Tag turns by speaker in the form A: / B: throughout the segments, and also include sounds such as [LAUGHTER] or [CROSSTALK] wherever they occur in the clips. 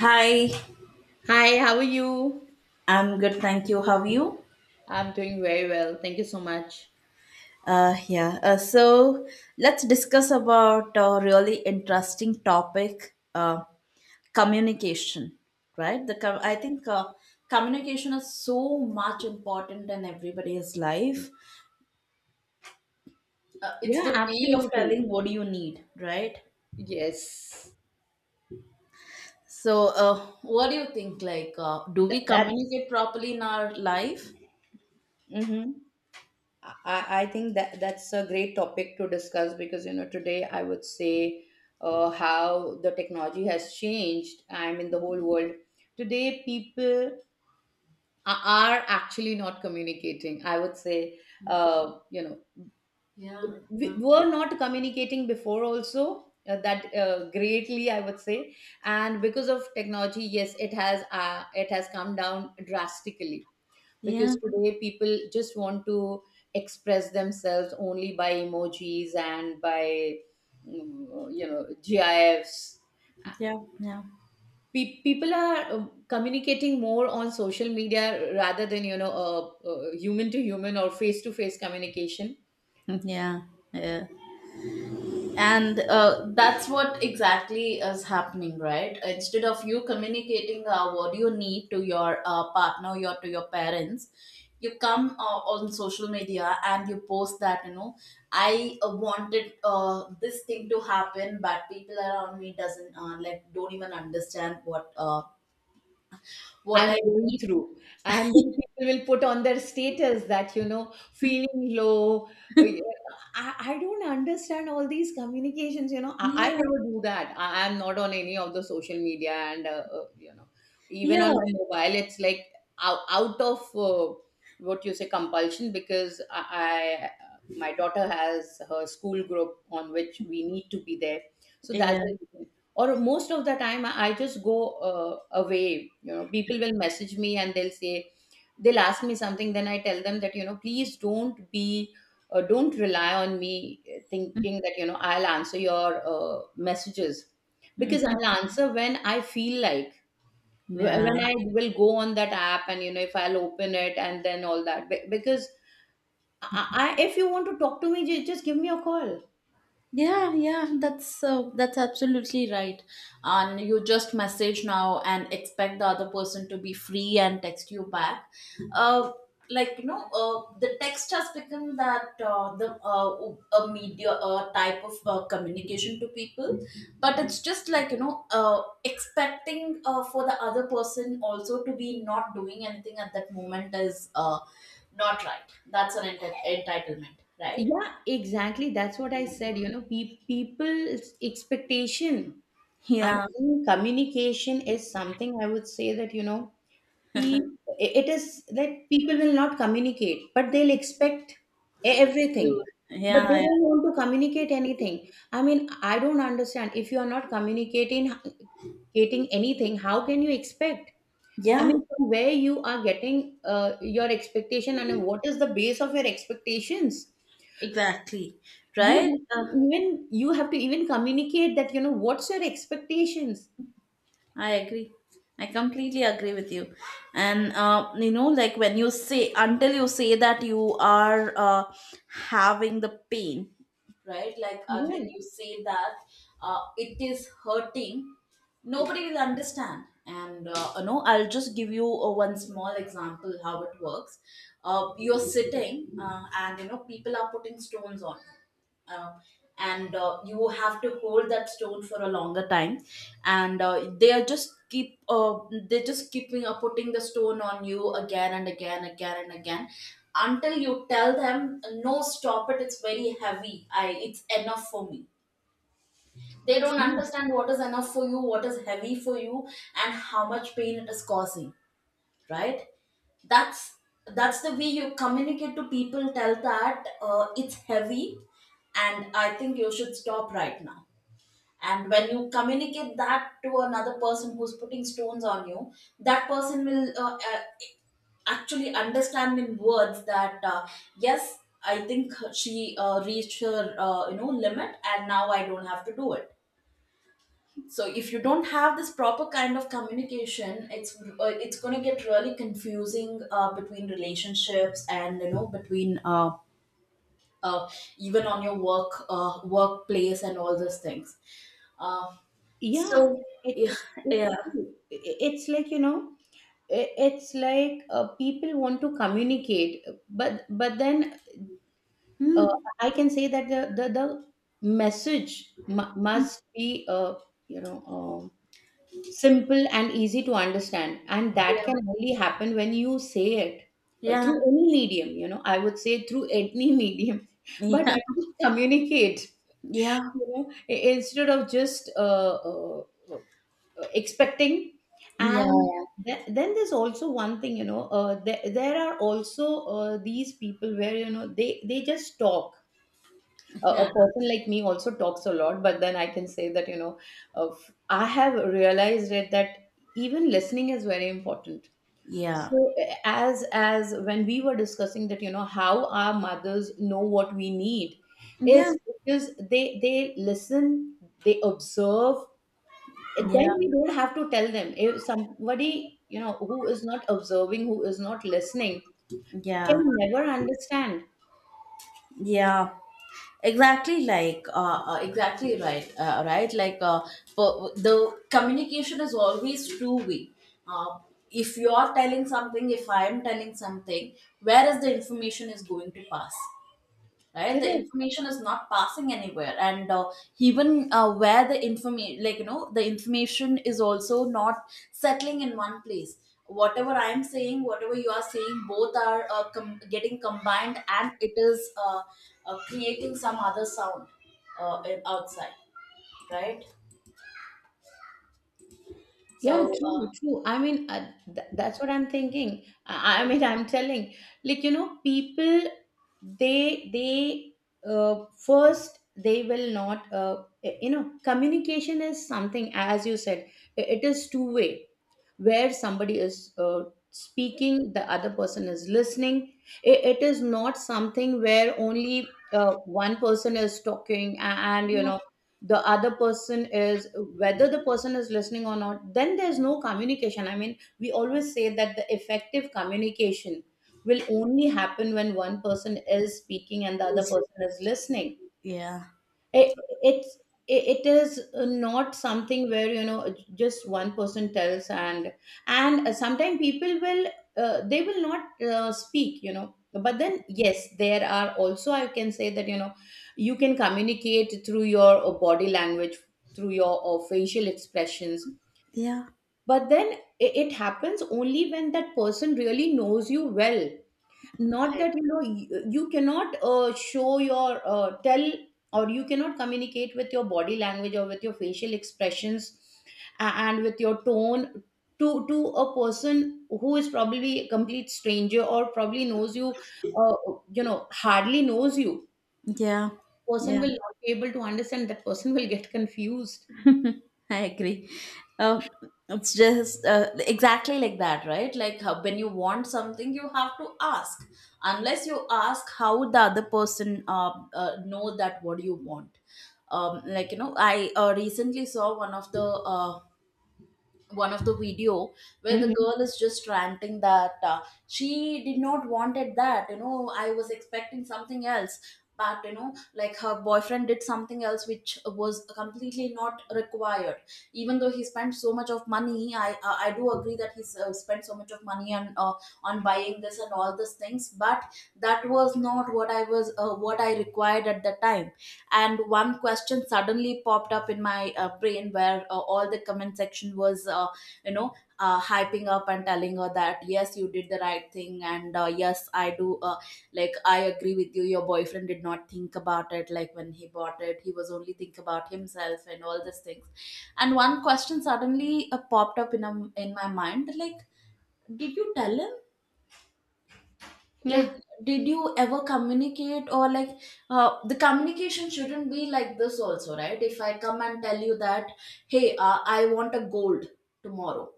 A: Hi,
B: Hi, how are you?
A: I'm good, thank you. How are you?
B: I'm doing very well. Thank you so much.
A: Yeah, so let's discuss about a really interesting topic, communication, right? The com- I think Communication is so much important in everybody's life. It's
B: Yeah,
A: the way of
B: absolutely.
A: telling what do you need, right?
B: Yes.
A: So, what do you think? Do
B: Th-
A: we
B: that's
A: communicate properly in our life?
B: mm-hmm. I think that that's a great topic to discuss because you know today I would say how the technology has changed. I mean the whole world today people are actually not communicating. I would say uh, you know
A: Yeah,
B: we
A: yeah,
B: were not communicating before also that greatly I would say, and because of technology, yes, it has come down drastically
A: yeah,
B: because today people just want to express themselves only by emojis and by you know, gifs.
A: yeah, yeah,
B: People are communicating more on social media rather than human to human or face to face communication.
A: [LAUGHS] yeah. Yeah. And that's what exactly is happening, right? Instead of you communicating what you need to your partner, or to your parents, you come on social media and you post that I wanted this thing to happen, but people around me doesn't don't even understand what
B: I'm
A: I
B: going
A: need.
B: through. And then people will put on their status that, you know, feeling low. Yeah, I don't understand all these communications, you know. I
A: Yeah,
B: never do that. I'm not on any of the social media, and, you know, even on
A: yeah,
B: my mobile, it's like out of what you say compulsion, because my daughter has her school group on which we need to be there. So that's
A: yeah,
B: it. Or most of the time, I just go uh, away, you know. People will message me and they'll ask me something, then I tell them that, you know, please don't be don't rely on me, thinking that, you know, I'll answer your messages, because I'll
A: [LAUGHS]
B: answer when I feel like. Wh-
A: yeah.
B: when i will go on that app, and you know, if I'll open it and then all that. Because I, if you want to talk to me, just give me a call.
A: Yeah, yeah, that's absolutely right. And you just message now and expect the other person to be free and text you back. Uh, the text has become that the a media type of communication to people, but it's just like expecting for the other person also to be not doing anything at that moment is not right. That's an entitlement, right?
B: Yeah, exactly. That's what I said. You know, people's expectation. I
A: Yeah.
B: mean, communication is something, I would say that, you know, pe- it is that people will not communicate, but they'll expect
A: You-
B: everything. But they
A: Yeah,
B: don't
A: yeah,
B: want to communicate anything. I mean, I don't understand. If you are not communicating, getting anything, how can you expect? I
A: yeah,
B: mean, from where you are getting your expectation, and what is the base of your expectations?
A: exactly.
B: You
A: Right?
B: have to even communicate that, you know, what's your expectations?
A: I agree. I completely agree with you. And like when you say until you say that you are having the pain, right? Like until
B: Yeah,
A: you say that it is hurting, nobody will understand. And I'll just give you one small example how it works. You're sitting, people are putting stones on you. And You have to hold that stone for a longer time and they just keeping putting the stone on you again and again, again and again, until you tell them, no, stop it, it's very heavy, I it's enough for me. They don't
B: true.
A: understand what is enough for you, what is heavy for you, and how much pain it is causing, right? That's that's the way you communicate to people. Tell that it's heavy and I think you should stop right now. And when you communicate that to another person who's putting stones on you, that person will actually understand in words that yes, I think she reached her limit, and now I don't have to do it. So if you don't have this proper kind of communication, it's going to get really confusing between relationships and you know between uh, even on your workplace and all those things. uh,
B: Yeah,
A: so yeah, yeah,
B: it's true. It's like, you know, it's like people want to communicate, but but then uh, I can say that the message mu must be you know um, simple and easy to understand, and that can
A: yeah,
B: only happen when you say it
A: yeah,
B: through any medium, you know. I would say through any medium, [LAUGHS] but at least communicate,
A: yeah,
B: you know. I instead of just uh, expecting. And
A: yeah,
B: then there's also one thing, you know. There are also these people where, you know, they just stop.
A: yeah,
B: A a,
A: yeah,
B: person like me also talks a lot, but then I can say that, you know, of I have realized it that even listening is very important.
A: yeah,
B: So as when we were discussing that, you know, how our mothers know what we need is
A: yeah,
B: because they listen, they observe, and
A: yeah,
B: then we don't have to tell them. If somebody, you know, who is not observing, who is not listening, can
A: yeah.
B: never understand.
A: Yeah, exactly. Exactly right. The communication is always two way. Uh, if you are telling something, if I am telling something, where is the information is going to pass? Right, the
B: Correct.
A: information is not passing anywhere, and even where the information like you know the information is also not settling in one place. Whatever I am saying, whatever you are saying, both are getting combined, and it is creating some other sound outside, right? so
B: Yeah,
A: uh,
B: true, true. I mean, th that's what I'm thinking. I
A: yeah,
B: mean, [LAUGHS] I'm telling, like, you know, people, they, they, first, they will not, you know, communication is something, as you said, it is two way, where somebody is speaking, the other person is listening. I it is not something where only one person is talking, and, you
A: yeah.
B: know, the other person is, whether the person is listening or not, then there's no communication. I mean, we always say that the effective communication will only happen when one person is speaking and the other
A: Listen.
B: person is listening.
A: Yeah,
B: It, it's it it is not something where, you know, just one person tells. And sometimes people will they will not speak, you know. But then, yes, there are also, I can say that, you know, you can communicate through your body language, through your facial expressions.
A: yeah,
B: But then it happens only when that person really knows you well. Not that, you know, you cannot show your tell, or you cannot communicate with your body language or with your facial expressions and with your tone to a person who is probably a complete stranger, or probably knows you uh, you know, hardly knows you.
A: yeah,
B: Person
A: yeah.
B: will not be able to understand. That person will get [LAUGHS] confused.
A: [LAUGHS] I agree. Um, it's just exactly like that, right? Like how, when you want something, you have to ask. Unless you ask, how would the other person know that what you want? I recently saw one of the video where the
B: Hmm.
A: girl is just ranting that she did not wanted that, I was expecting something else, but you know, like, her boyfriend did something else which was completely not required. Even though he spent so much of money, I do agree that he spent so much of money on buying this and all these things, but that was not what I was what I required at the time. And one question suddenly popped up in my brain, where all the comment section was you know hyping up and telling her that, yes, you did the right thing, and yes, I do I agree with you, your boyfriend did not think about it, like when he bought it, he was only think about himself and all these things. And one question suddenly popped up in my mind, like, did you tell him? Like,
B: Yeah.
A: did you ever communicate? Or, like, the communication shouldn't be like this also, right? If I come and tell you that, hey, I want a gold tomorrow,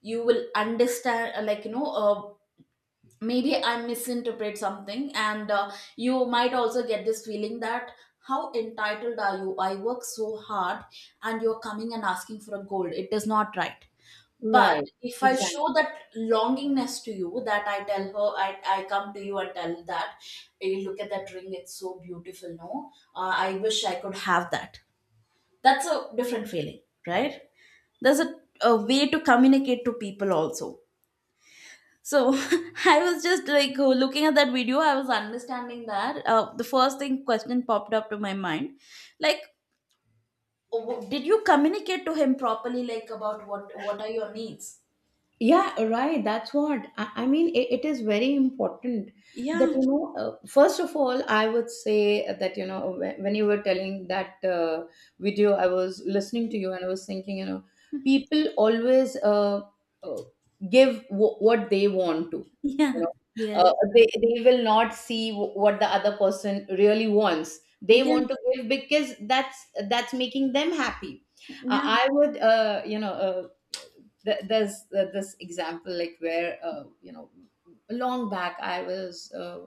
A: you will understand, maybe I misinterpret something, and you might also get this feeling that how entitled are you, I work so hard, and you're coming and asking for a gold, it is not right.
B: Right.
A: But if I show
B: Exactly.
A: that longingness to you, that I tell her, I come to you and tell that, hey, look at that ring, it's so beautiful, no I wish I could have that. That's a different feeling, right? There's a way to communicate to people also. So [LAUGHS] I was just like looking at that video. I was understanding that the first thing question popped up to my mind, like, did you communicate to him properly, like, about what are your needs?
B: Yeah, right. That's what I mean. It is very important that
A: Yeah,
B: you know. First of all, I would say that you know when you were telling that video, I was listening to you, and I was thinking, you know, people always uh, give what they want to,
A: [LAUGHS] yeah,
B: you know.
A: yeah,
B: They will not see what the other person really wants. They
A: yeah,
B: want to give because that's making them happy.
A: yeah,
B: I would, you know. Th- there's th- This example, like where, you know, long back I was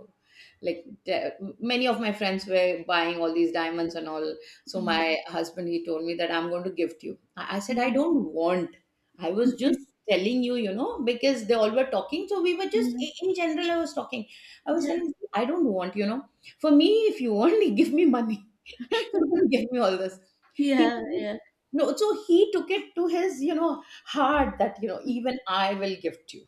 B: like de- many of my friends were buying all these diamonds and all, so my
A: [LAUGHS]
B: husband, he told me that I'm going to gift you. I said I
A: Mm.
B: don't want. I was just telling you, you know, because they all were talking, so we were just
A: Mhm.
B: in general I was talking. I was
A: Yeah, yeah,
B: telling I don't want, you know. For me, if you want, [LAUGHS] give me money, you don't
A: [LAUGHS]
B: give me all this. He
A: yeah, yeah,
B: No, so he took it to his, you know, heart that, you know, even I will gift you.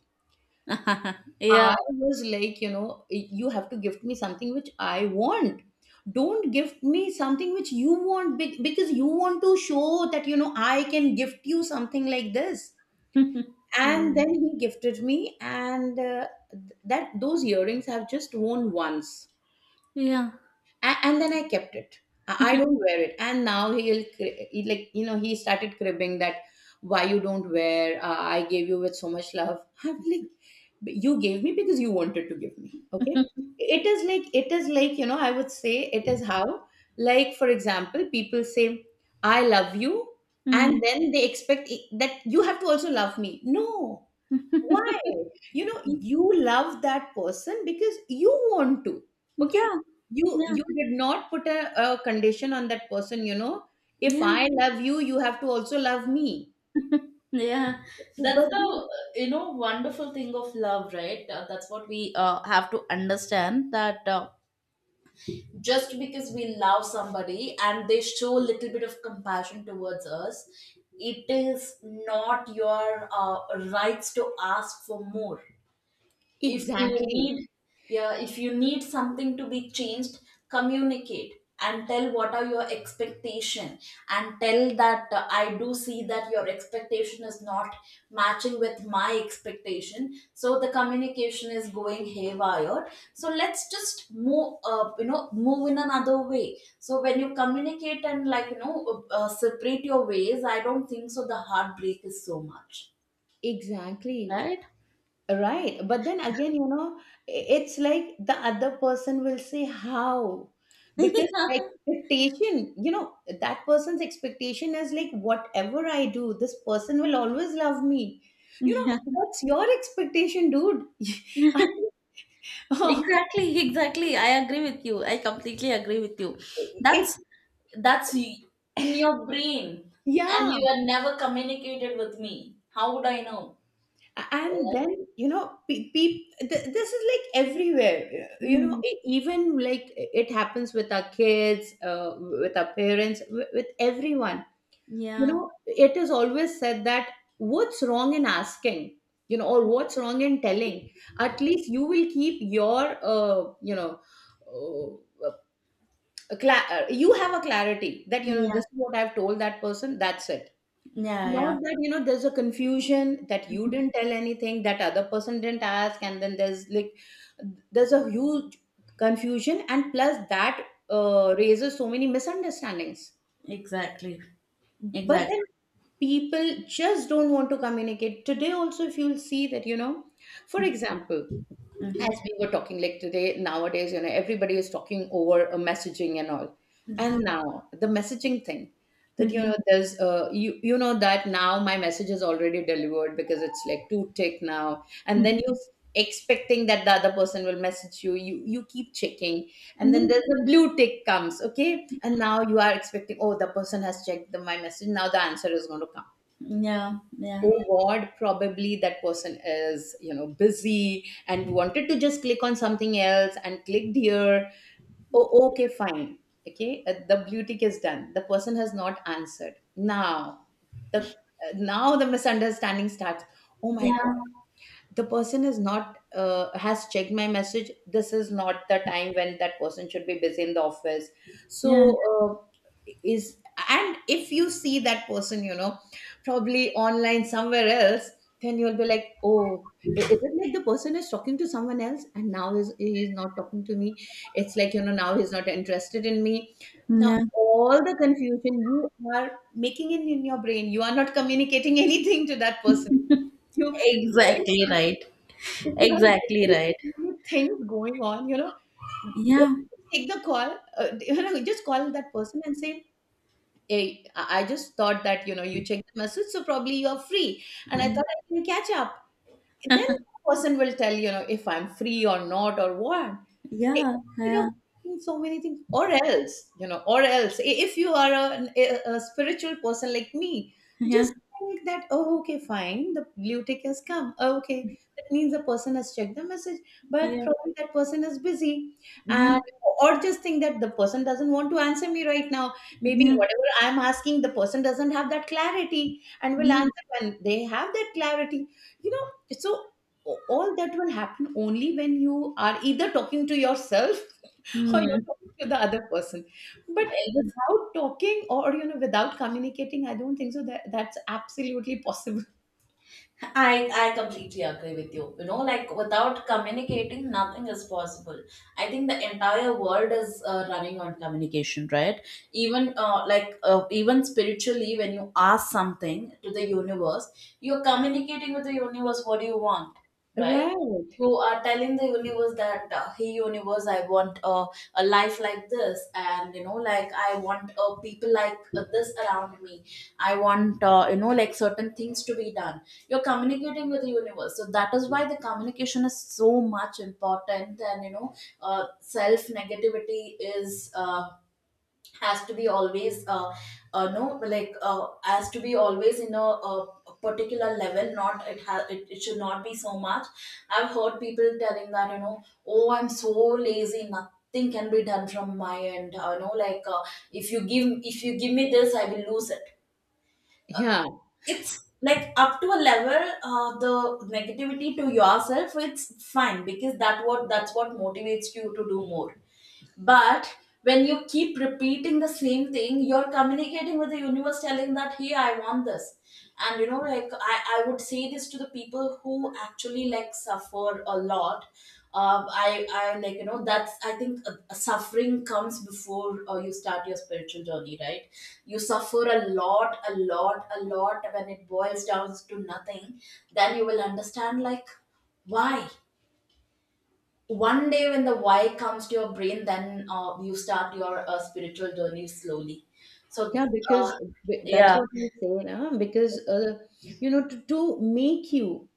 A: [LAUGHS] yeah,
B: I was like, you know, you have to gift me something which I want. Don't gift me something which you want, because you want to show that, you know, I can gift you something like this.
A: [LAUGHS]
B: And
A: Mm.
B: then he gifted me, and that those earrings I've just worn once.
A: Yeah.
B: And then I kept it. I don't
A: [LAUGHS]
B: wear it. And now he, like, you know, he started cribbing that why you don't wear. I gave you with so much love. [LAUGHS] I'm like, "But you gave me because you wanted to give me." Okay, it is like, you know, I would say it is how, like for example, people say I love you, and
A: Mm.
B: then they expect that you have to also love me. No, why?
A: [LAUGHS]
B: You know, you love that person because you want to. Okay.
A: Yeah,
B: You
A: yeah,
B: you did not put a condition on that person, you know. If
A: yeah.
B: I love you, you have to also love me.
A: [LAUGHS] Yeah, that's
B: But
A: the
B: then,
A: wonderful thing of love, right? That's what we have to understand, that just because we love somebody and they show a little bit of compassion towards us, it is not your rights to ask for more. If you
B: exactly,
A: need, yeah, if you need something to be changed, communicate and tell what are your expectation, and tell that I do see that your expectation is not matching with my expectation, so the communication is going haywire. So let's just move, move in another way. So when you communicate and, separate your ways, I don't think so the heartbreak is so much,
B: exactly.
A: right?
B: Right. But then again, you know, it's like the other person will say how. Because the
A: [LAUGHS]
B: expectation, you know, that person's expectation is like, whatever I do, this person will always love me. You
A: Yeah.
B: know, that's your expectation, dude.
A: Yeah.
B: [LAUGHS] I
A: [LAUGHS]
B: mean, [LAUGHS]
A: Exactly, exactly. I agree with you. I completely agree with you.
B: it,
A: That's that's y- in your brain, and
B: yeah.
A: you are never communicated with me. How would I know?
B: And
A: Uh,
B: then, you know, this is like everywhere. You know,
A: mm,
B: even like it happens with our kids, with our parents, with everyone. You
A: yeah,
B: know, it is always said that what's wrong in asking, you know, or what's wrong in telling. At least you will keep your uh, you have a clarity that, you know,
A: yeah,
B: this is what I've told that person, that's it.
A: yeah, yeah.
B: Not that, you know, there's a confusion that you didn't tell anything, that other person didn't ask, and then there's like there's a huge confusion, and plus that raises so many misunderstandings.
A: Exactly,
B: But
A: exactly.
B: then people just don't want to communicate. Today also, if you'll see that, you know, for example, as we were talking, like today nowadays, you know, everybody is talking over messaging and all. And
A: Yeah.
B: now the messaging thing, that, you
A: Mhm.
B: know, there's you, you know, that now my message is already delivered, because it's like two tick now. And then you expecting that the other person will message you, you keep checking. And then
A: Mhm.
B: there's a blue tick comes, okay. And now you are expecting, oh, the person has checked my message, now the answer is going to come.
A: Yeah, yeah,
B: Oh god, probably that person is, you know, busy and wanted to just click on something else and clicked here. Oh, okay, fine. Okay, the blue tick is done, the person has not answered. Now the now the misunderstanding starts. Oh my,
A: yeah,
B: the person is not has checked my message, this is not the time when that person should be Busy in the office. so
A: yeah,
B: uh, is and if you see that person, you know, probably online somewhere else, then you'll be like, oh, is it like the person is talking to someone else and now is he's not talking to me? It's like, you know, now he's not interested in me. Now
A: yeah.
B: all the confusion you are making in your brain, you are not communicating [LAUGHS] anything to that person. You really,
A: Exactly right.
B: if you have
A: Exactly right.
B: so many things going on, you know, just
A: Yeah,
B: take the call, [LAUGHS] you know, just call that person and say, hey, I just thought that, you know, you checked the message, so probably you're free. And I
A: Mm.
B: thought I can catch up. Then the person will tell, you know, if I'm free or not or what.
A: Yeah,
B: Instead of
A: yeah,
B: thinking so many things, or else, you know, or else, if you are a spiritual person like me,
A: yeah,
B: just think that, oh, okay, fine, the blue tick has come. Oh, okay, that means the person has checked the message, but
A: yeah.
B: probably that person is busy.
A: Yeah,
B: And or just think that the person doesn't want to answer me right now. Maybe
A: yeah,
B: whatever I'm asking, the person doesn't have that clarity and will
A: yeah.
B: answer when they have that clarity. You know, so all that will happen only when you are either talking to yourself [LAUGHS] or you're
A: Mm.
B: talking to the other person. But without talking, or without communicating, I don't think so that that's absolutely possible. [LAUGHS]
A: I completely agree with you. You know, like without communicating, nothing is possible. I think the entire world is running on communication, right? Even even spiritually, when you ask something to the universe, you're communicating with the universe. What do you want, right?
B: Right.
A: You are telling the universe that, hey, universe, I want a life like this, and you know, like I want people like this around me. I want, like, certain things to be done. You're communicating with the universe, so that is why the communication is so much important. And you know, self negativity is has to be always no like has to be always in a particular level, not it has it, it should not be so much. I've heard people telling that, you know, oh, I'm so lazy, nothing can be done from my end, if you give, if you give me this, I will lose it.
B: Yeah.
A: It's like, up to a level, the negativity to yourself, it's fine, because that's what motivates you to do more. But when you keep repeating the same thing, you're communicating with the universe, telling that, hey, I want this. And you know, I would say this to the people who actually like suffer a lot. I like, you know, that's, I think suffering comes before you start your spiritual journey, right? You suffer a lot, a lot, a lot, when it boils down to nothing. Then you will understand, like, why? One day, when the why comes to your brain, then you start your spiritual journey slowly. so
B: Yeah,
A: uh,
B: because that's
A: yeah,
B: what I'm saying, huh? Because you know, to make you,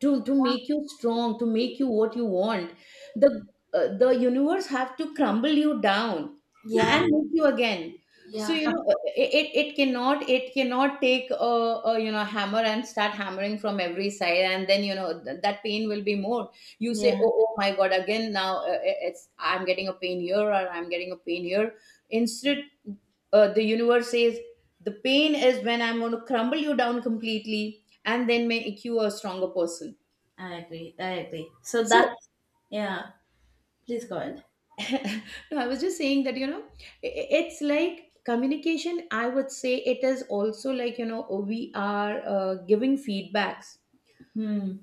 B: to make you strong, to make you what you want, the the universe have to crumble you down
A: yeah,
B: and make you again. So
A: yeah.
B: you
A: [LAUGHS]
B: know, it it cannot, it cannot take a, you know, hammer and start hammering from every side, and then you know that pain will be more. You say,
A: Yeah,
B: oh, oh my God, again now, it's, I'm getting a pain here or I'm getting a pain here. Instead the universe says the pain is when I'm going to crumble you down completely and then make you a stronger person.
A: I agree, I agree. So
B: so
A: that's, yeah, please go ahead.
B: [LAUGHS] no, I was just saying that, you know, it's like communication, I would say it is also like, you know, we are giving feedbacks
A: Hmm.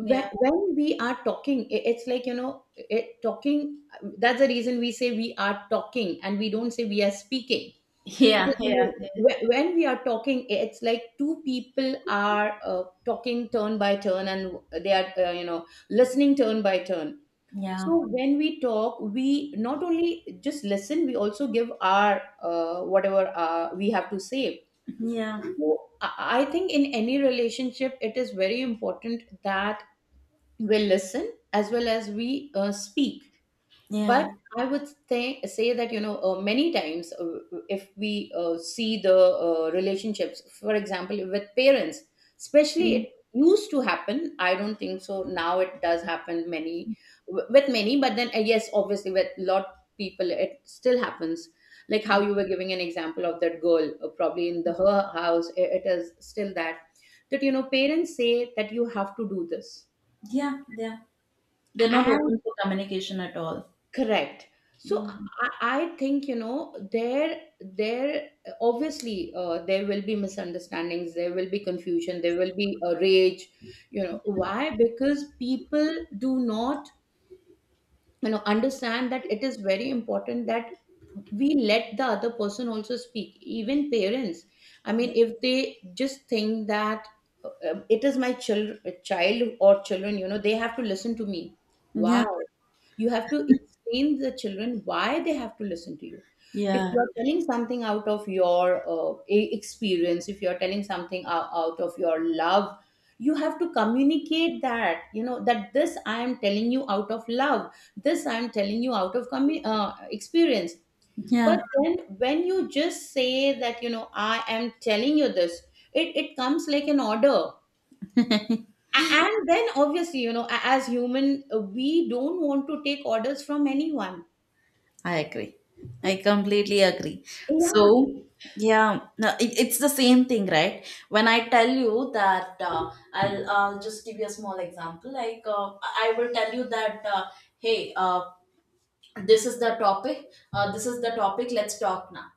A: Yeah,
B: we are talking, it's like, you know, it, talking, that's the reason we say we are talking and we don't say we are speaking.
A: yeah,
B: Because you
A: yeah,
B: know, when, we are talking, it's like two people are talking turn by turn and they are, you know, listening turn by turn.
A: yeah,
B: So when we talk we not only just listen, we also give our, whatever we have to say.
A: yeah,
B: So I think in any relationship it is very important that we listen as well as we speak.
A: yeah.
B: But I would say that, you know, many times, if we see the relationships, for example, with parents, especially,
A: Mm.
B: it used to happen. I don't think so now. It does happen many with many, but then, yes, obviously with lot people it still happens. Like how you were giving an example of that girl, probably in the her house, it is still that, that, you know, parents say that you have to do this.
A: Yeah, yeah. They're not open for communication at all.
B: Correct. So
A: Mm.
B: I think, you know, there obviously, there will be misunderstandings, there will be confusion, there will be a rage. You know why? Because people do not, you know, understand that it is very important that we let the other person also speak. Even parents, I mean, if they just think that, it is my child or children, you know, they have to listen to me. Wow.
A: Yeah,
B: You have to explain the children why they have to listen to you. If
A: yeah,
B: you are telling something out of your, experience, if you are telling something out of your love, you have to communicate that, you know, that this I am telling you out of love, this I am telling you out of experience.
A: yeah.
B: But then when you just say that, you know, I am telling you this, it comes like an order. And then obviously, you know, as human, we don't want to take orders from anyone.
A: I agree. I completely agree.
B: Yeah,
A: So, yeah, no, it, it's the same thing, right? When I tell you that, I'll just give you a small example. Like, I will tell you that, hey, this is the topic, this is the topic, let's talk now.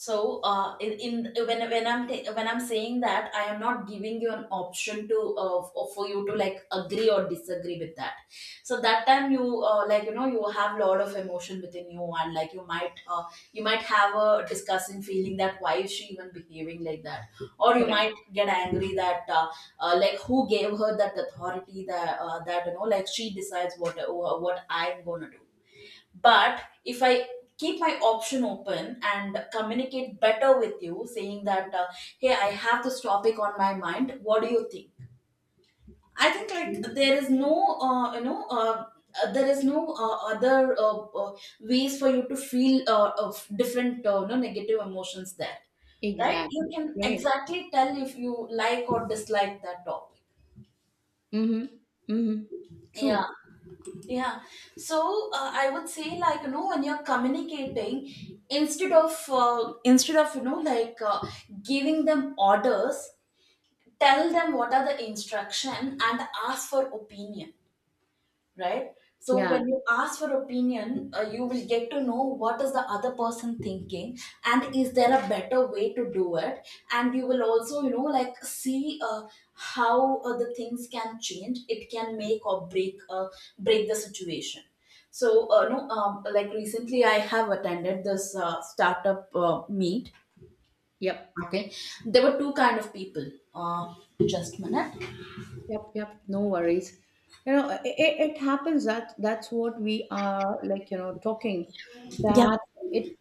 A: So in when I'm ta- when I'm saying that I am not giving you an option to for you to like agree or disagree with that. So that time you like you know you have lot of emotion within you, and like you might, you might have a disgusting feeling that why is she even behaving like that, or you
B: correct.
A: might get angry that, like who gave her that authority that, that you know like she decides what I'm going to do. But if I keep my option open and communicate better with you, saying that, hey, I have this topic on my mind, what do you think? I think like there is no, there is no other ways for you to feel of different, you know, negative emotions there, right? You
B: Exactly.
A: can
B: Right.
A: exactly tell if you like or dislike that topic.
B: Mm-hmm. Mm-hmm.
A: Yeah.
B: True.
A: Yeah. So I would say like you know when you're communicating, instead of giving them orders, tell them what are the instruction and ask for opinion, right? So
B: Yeah.
A: when you ask for opinion, you will get to know what is the other person thinking, and is there a better way to do it. And you will also you know like see how the things can change, it can make or break the situation. So uh, no um, like recently I have attended this startup meet.
B: Yep.
A: Okay, there were two kind of people. uh, just a minute.
B: Yep. Yep. No worries. You know, it happens that that's what we are like, you know, talking
A: Yeah.
B: that, it,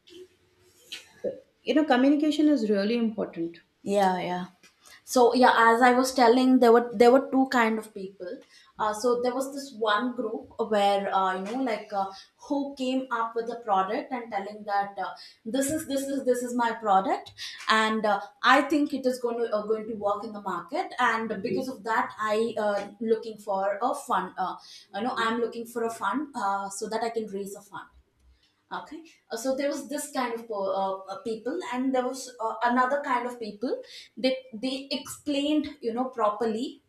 B: you know, communication is really important.
A: Yeah, yeah. So yeah, as I was telling, there were two kind of people. So there was this one group where who came up with the product and telling that, this is my product, and I think it is going to going to work in the market, and because of that I looking for a fund. You know, I'm looking for a fund, so that I can raise a fund. Okay. So there was this kind of people, and there was another kind of people. They explained, you know, properly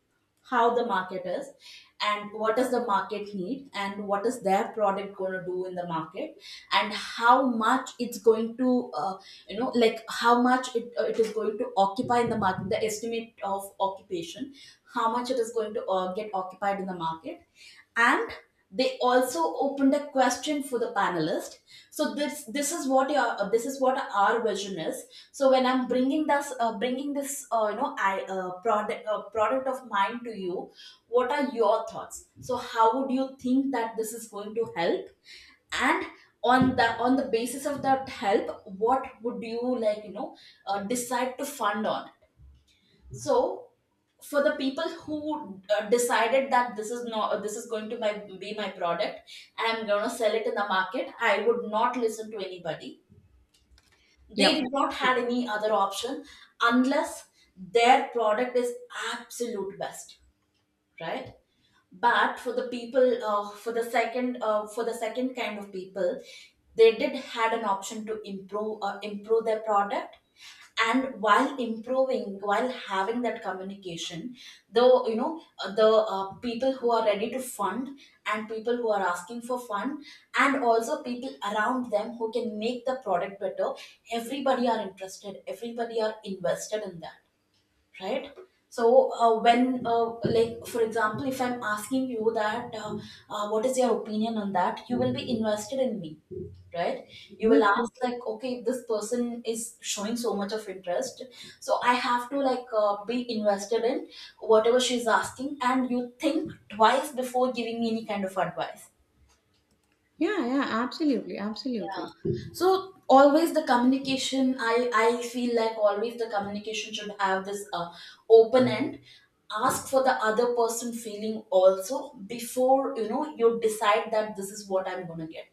A: how the market is, and what does the market need, and what is their product going to do in the market, and how much it's going to, uh, you know, like how much it is going to occupy in the market, the estimate of occupation, how much it is going to get occupied in the market, and they also opened a question for the panelist. So this is what your this is what our vision is. So when I'm bringing this, you know I product of mine to you, what are your thoughts? So how would you think that this is going to help? And on the basis of that help, what would you like you know decide to fund on it? So for the people who decided that this is not, this is going to be my product and I'm going to sell it in the market, I would not listen to anybody, they did
B: Yep.
A: not had any other option unless their product is absolute best, right? But for the people for the second kind of people, they did had an option to improve improve their product. And while improving, while having that communication, though you know the people who are ready to fund, and people who are asking for fund, and also people around them who can make the product better, everybody are interested, everybody are invested in that, right? So uh, when uh, like for example if I'm asking you that, what is your opinion on that, you will be invested in me, right? You will
B: Yeah.
A: ask like, okay, this person is showing so much of interest, so I have to like be invested in whatever she's asking, and you think twice before giving me any kind of advice.
B: Yeah. Yeah. Absolutely. Absolutely.
A: Yeah. So always the communication, I feel like always the communication should have this open end. Ask for the other person feeling also before you know you decide that this is what I'm gonna get.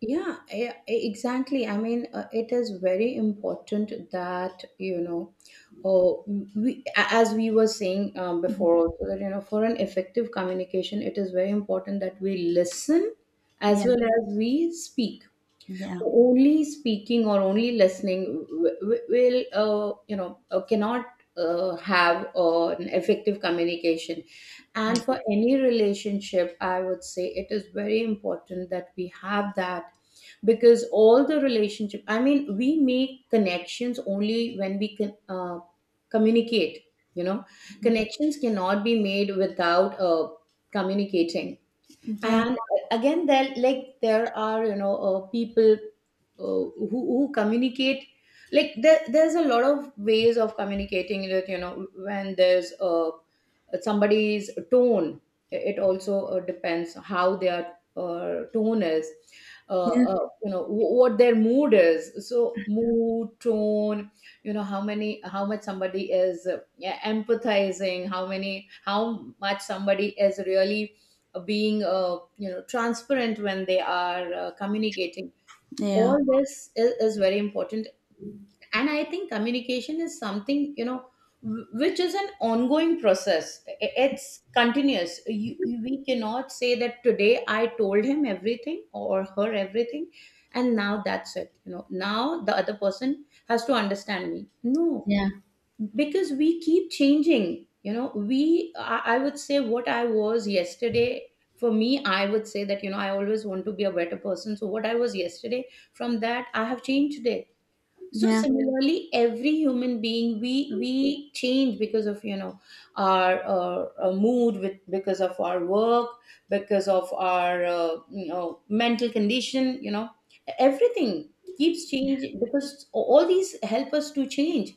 B: Yeah, exactly. I mean, it is very important that, you know, oh, we, as we were saying before, also that, you know, for an effective communication, it is very important that we listen as
A: Yeah,
B: well as we speak.
A: yeah,
B: Only speaking or only listening will, you know, cannot, have, an effective communication.
A: I
B: And for
A: agree.
B: any relationship, I would say it is very important that we have that. Because all the relationship, I mean, we make connections only when we can, communicate, you know. Connections cannot be made without, communicating.
A: Yeah,
B: And again, there like there are, you know, people, who, communicate, like there's a lot of ways of communicating that, you know, when there's, somebody's tone, it also, depends how their, tone is,
A: yeah,
B: you know, what their mood is. So mood, tone, you know, how many how much somebody is, yeah, empathizing, how many how much somebody is really being, you know, transparent when they are, communicating. All this is very important. And I think communication is something, you know, which is an ongoing process. It's continuous. We cannot say that today I told him everything or her everything and now that's it. You know, now the other person has to understand me. No,
A: yeah,
B: because we keep changing, you know. We I would say what I was yesterday, for me, I would say that, you know, I always want to be a better person. So what I was yesterday, from that I have changed it. So
A: yeah, yeah.
B: similarly, every human being, we change because of, you know, our, mood, with because of our work, because of our, you know, mental condition, you know, everything keeps changing because all these help us to change.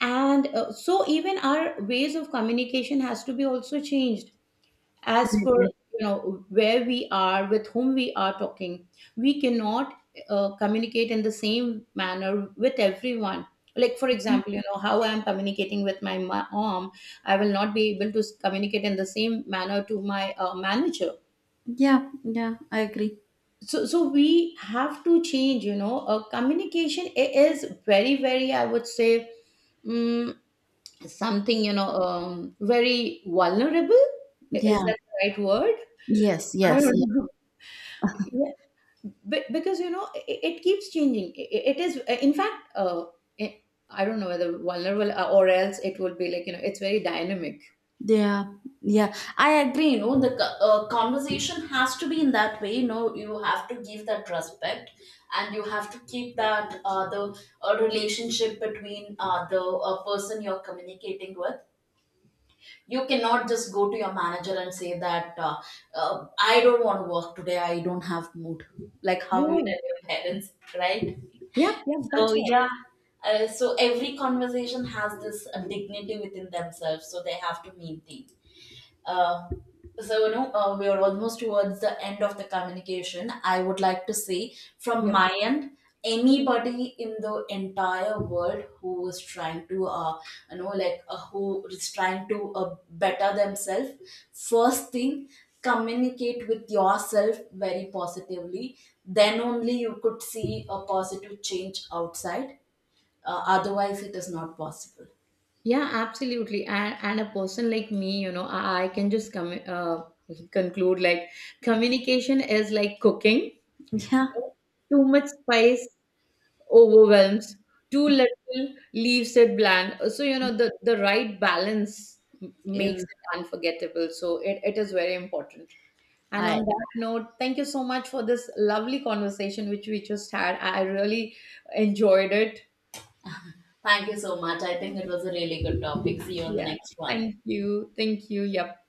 B: And, so even our ways of communication has to be also changed as
A: I
B: per,
A: agree.
B: you know, where we are, with whom we are talking. We cannot, communicate in the same manner with everyone. Like, for example, you know, how I am communicating with my mom, I will not be able to communicate in the same manner to my, manager.
A: Yeah, yeah, I agree.
B: So, so we have to change, you know. Communication is very, very, I would say, mm, something, you know, very vulnerable. Is
A: Yeah,
B: that the right word?
A: yes,
B: I
A: yes, yes.
B: don't know. Yeah. Because, you know, it keeps changing. It is, in fact, i I don't know whether vulnerable, or else it would be like, you know, it's very dynamic.
A: Yeah, yeah, I agree. You know, the conversation has to be in that way. You know, you have to give that respect, and you have to keep that the relationship between the person you're communicating with. You cannot just go to your manager and say that I don't want to work today. I don't have mood. Like how you
B: Right.
A: tell your parents, right?
B: Yeah, yeah,
A: So
B: that's what.
A: yeah, so every conversation has this dignity within themselves, so they have to maintain. Uh, so you know we are almost towards the end of the communication. I would like to say from
B: Yeah,
A: my end, anybody in the entire world who is trying to who is trying to better themselves, first thing, communicate with yourself very positively, then only you could see a positive change outside. Otherwise it is not possible.
B: yeah, absolutely. And a person like me, you know, I can just come conclude like communication is like cooking, you
A: Yeah,
B: know, too much spice overwhelms, too little leaves it bland. So, you know, the right balance makes
A: is
B: it unforgettable. So, it is very important. And
A: I.
B: on that note, thank you so much for this lovely conversation which we just had. I really enjoyed it.
A: Thank you so much. I think it was a really good topic. See you on the
B: Yeah,
A: next one.
B: thank you, thank you. Yep.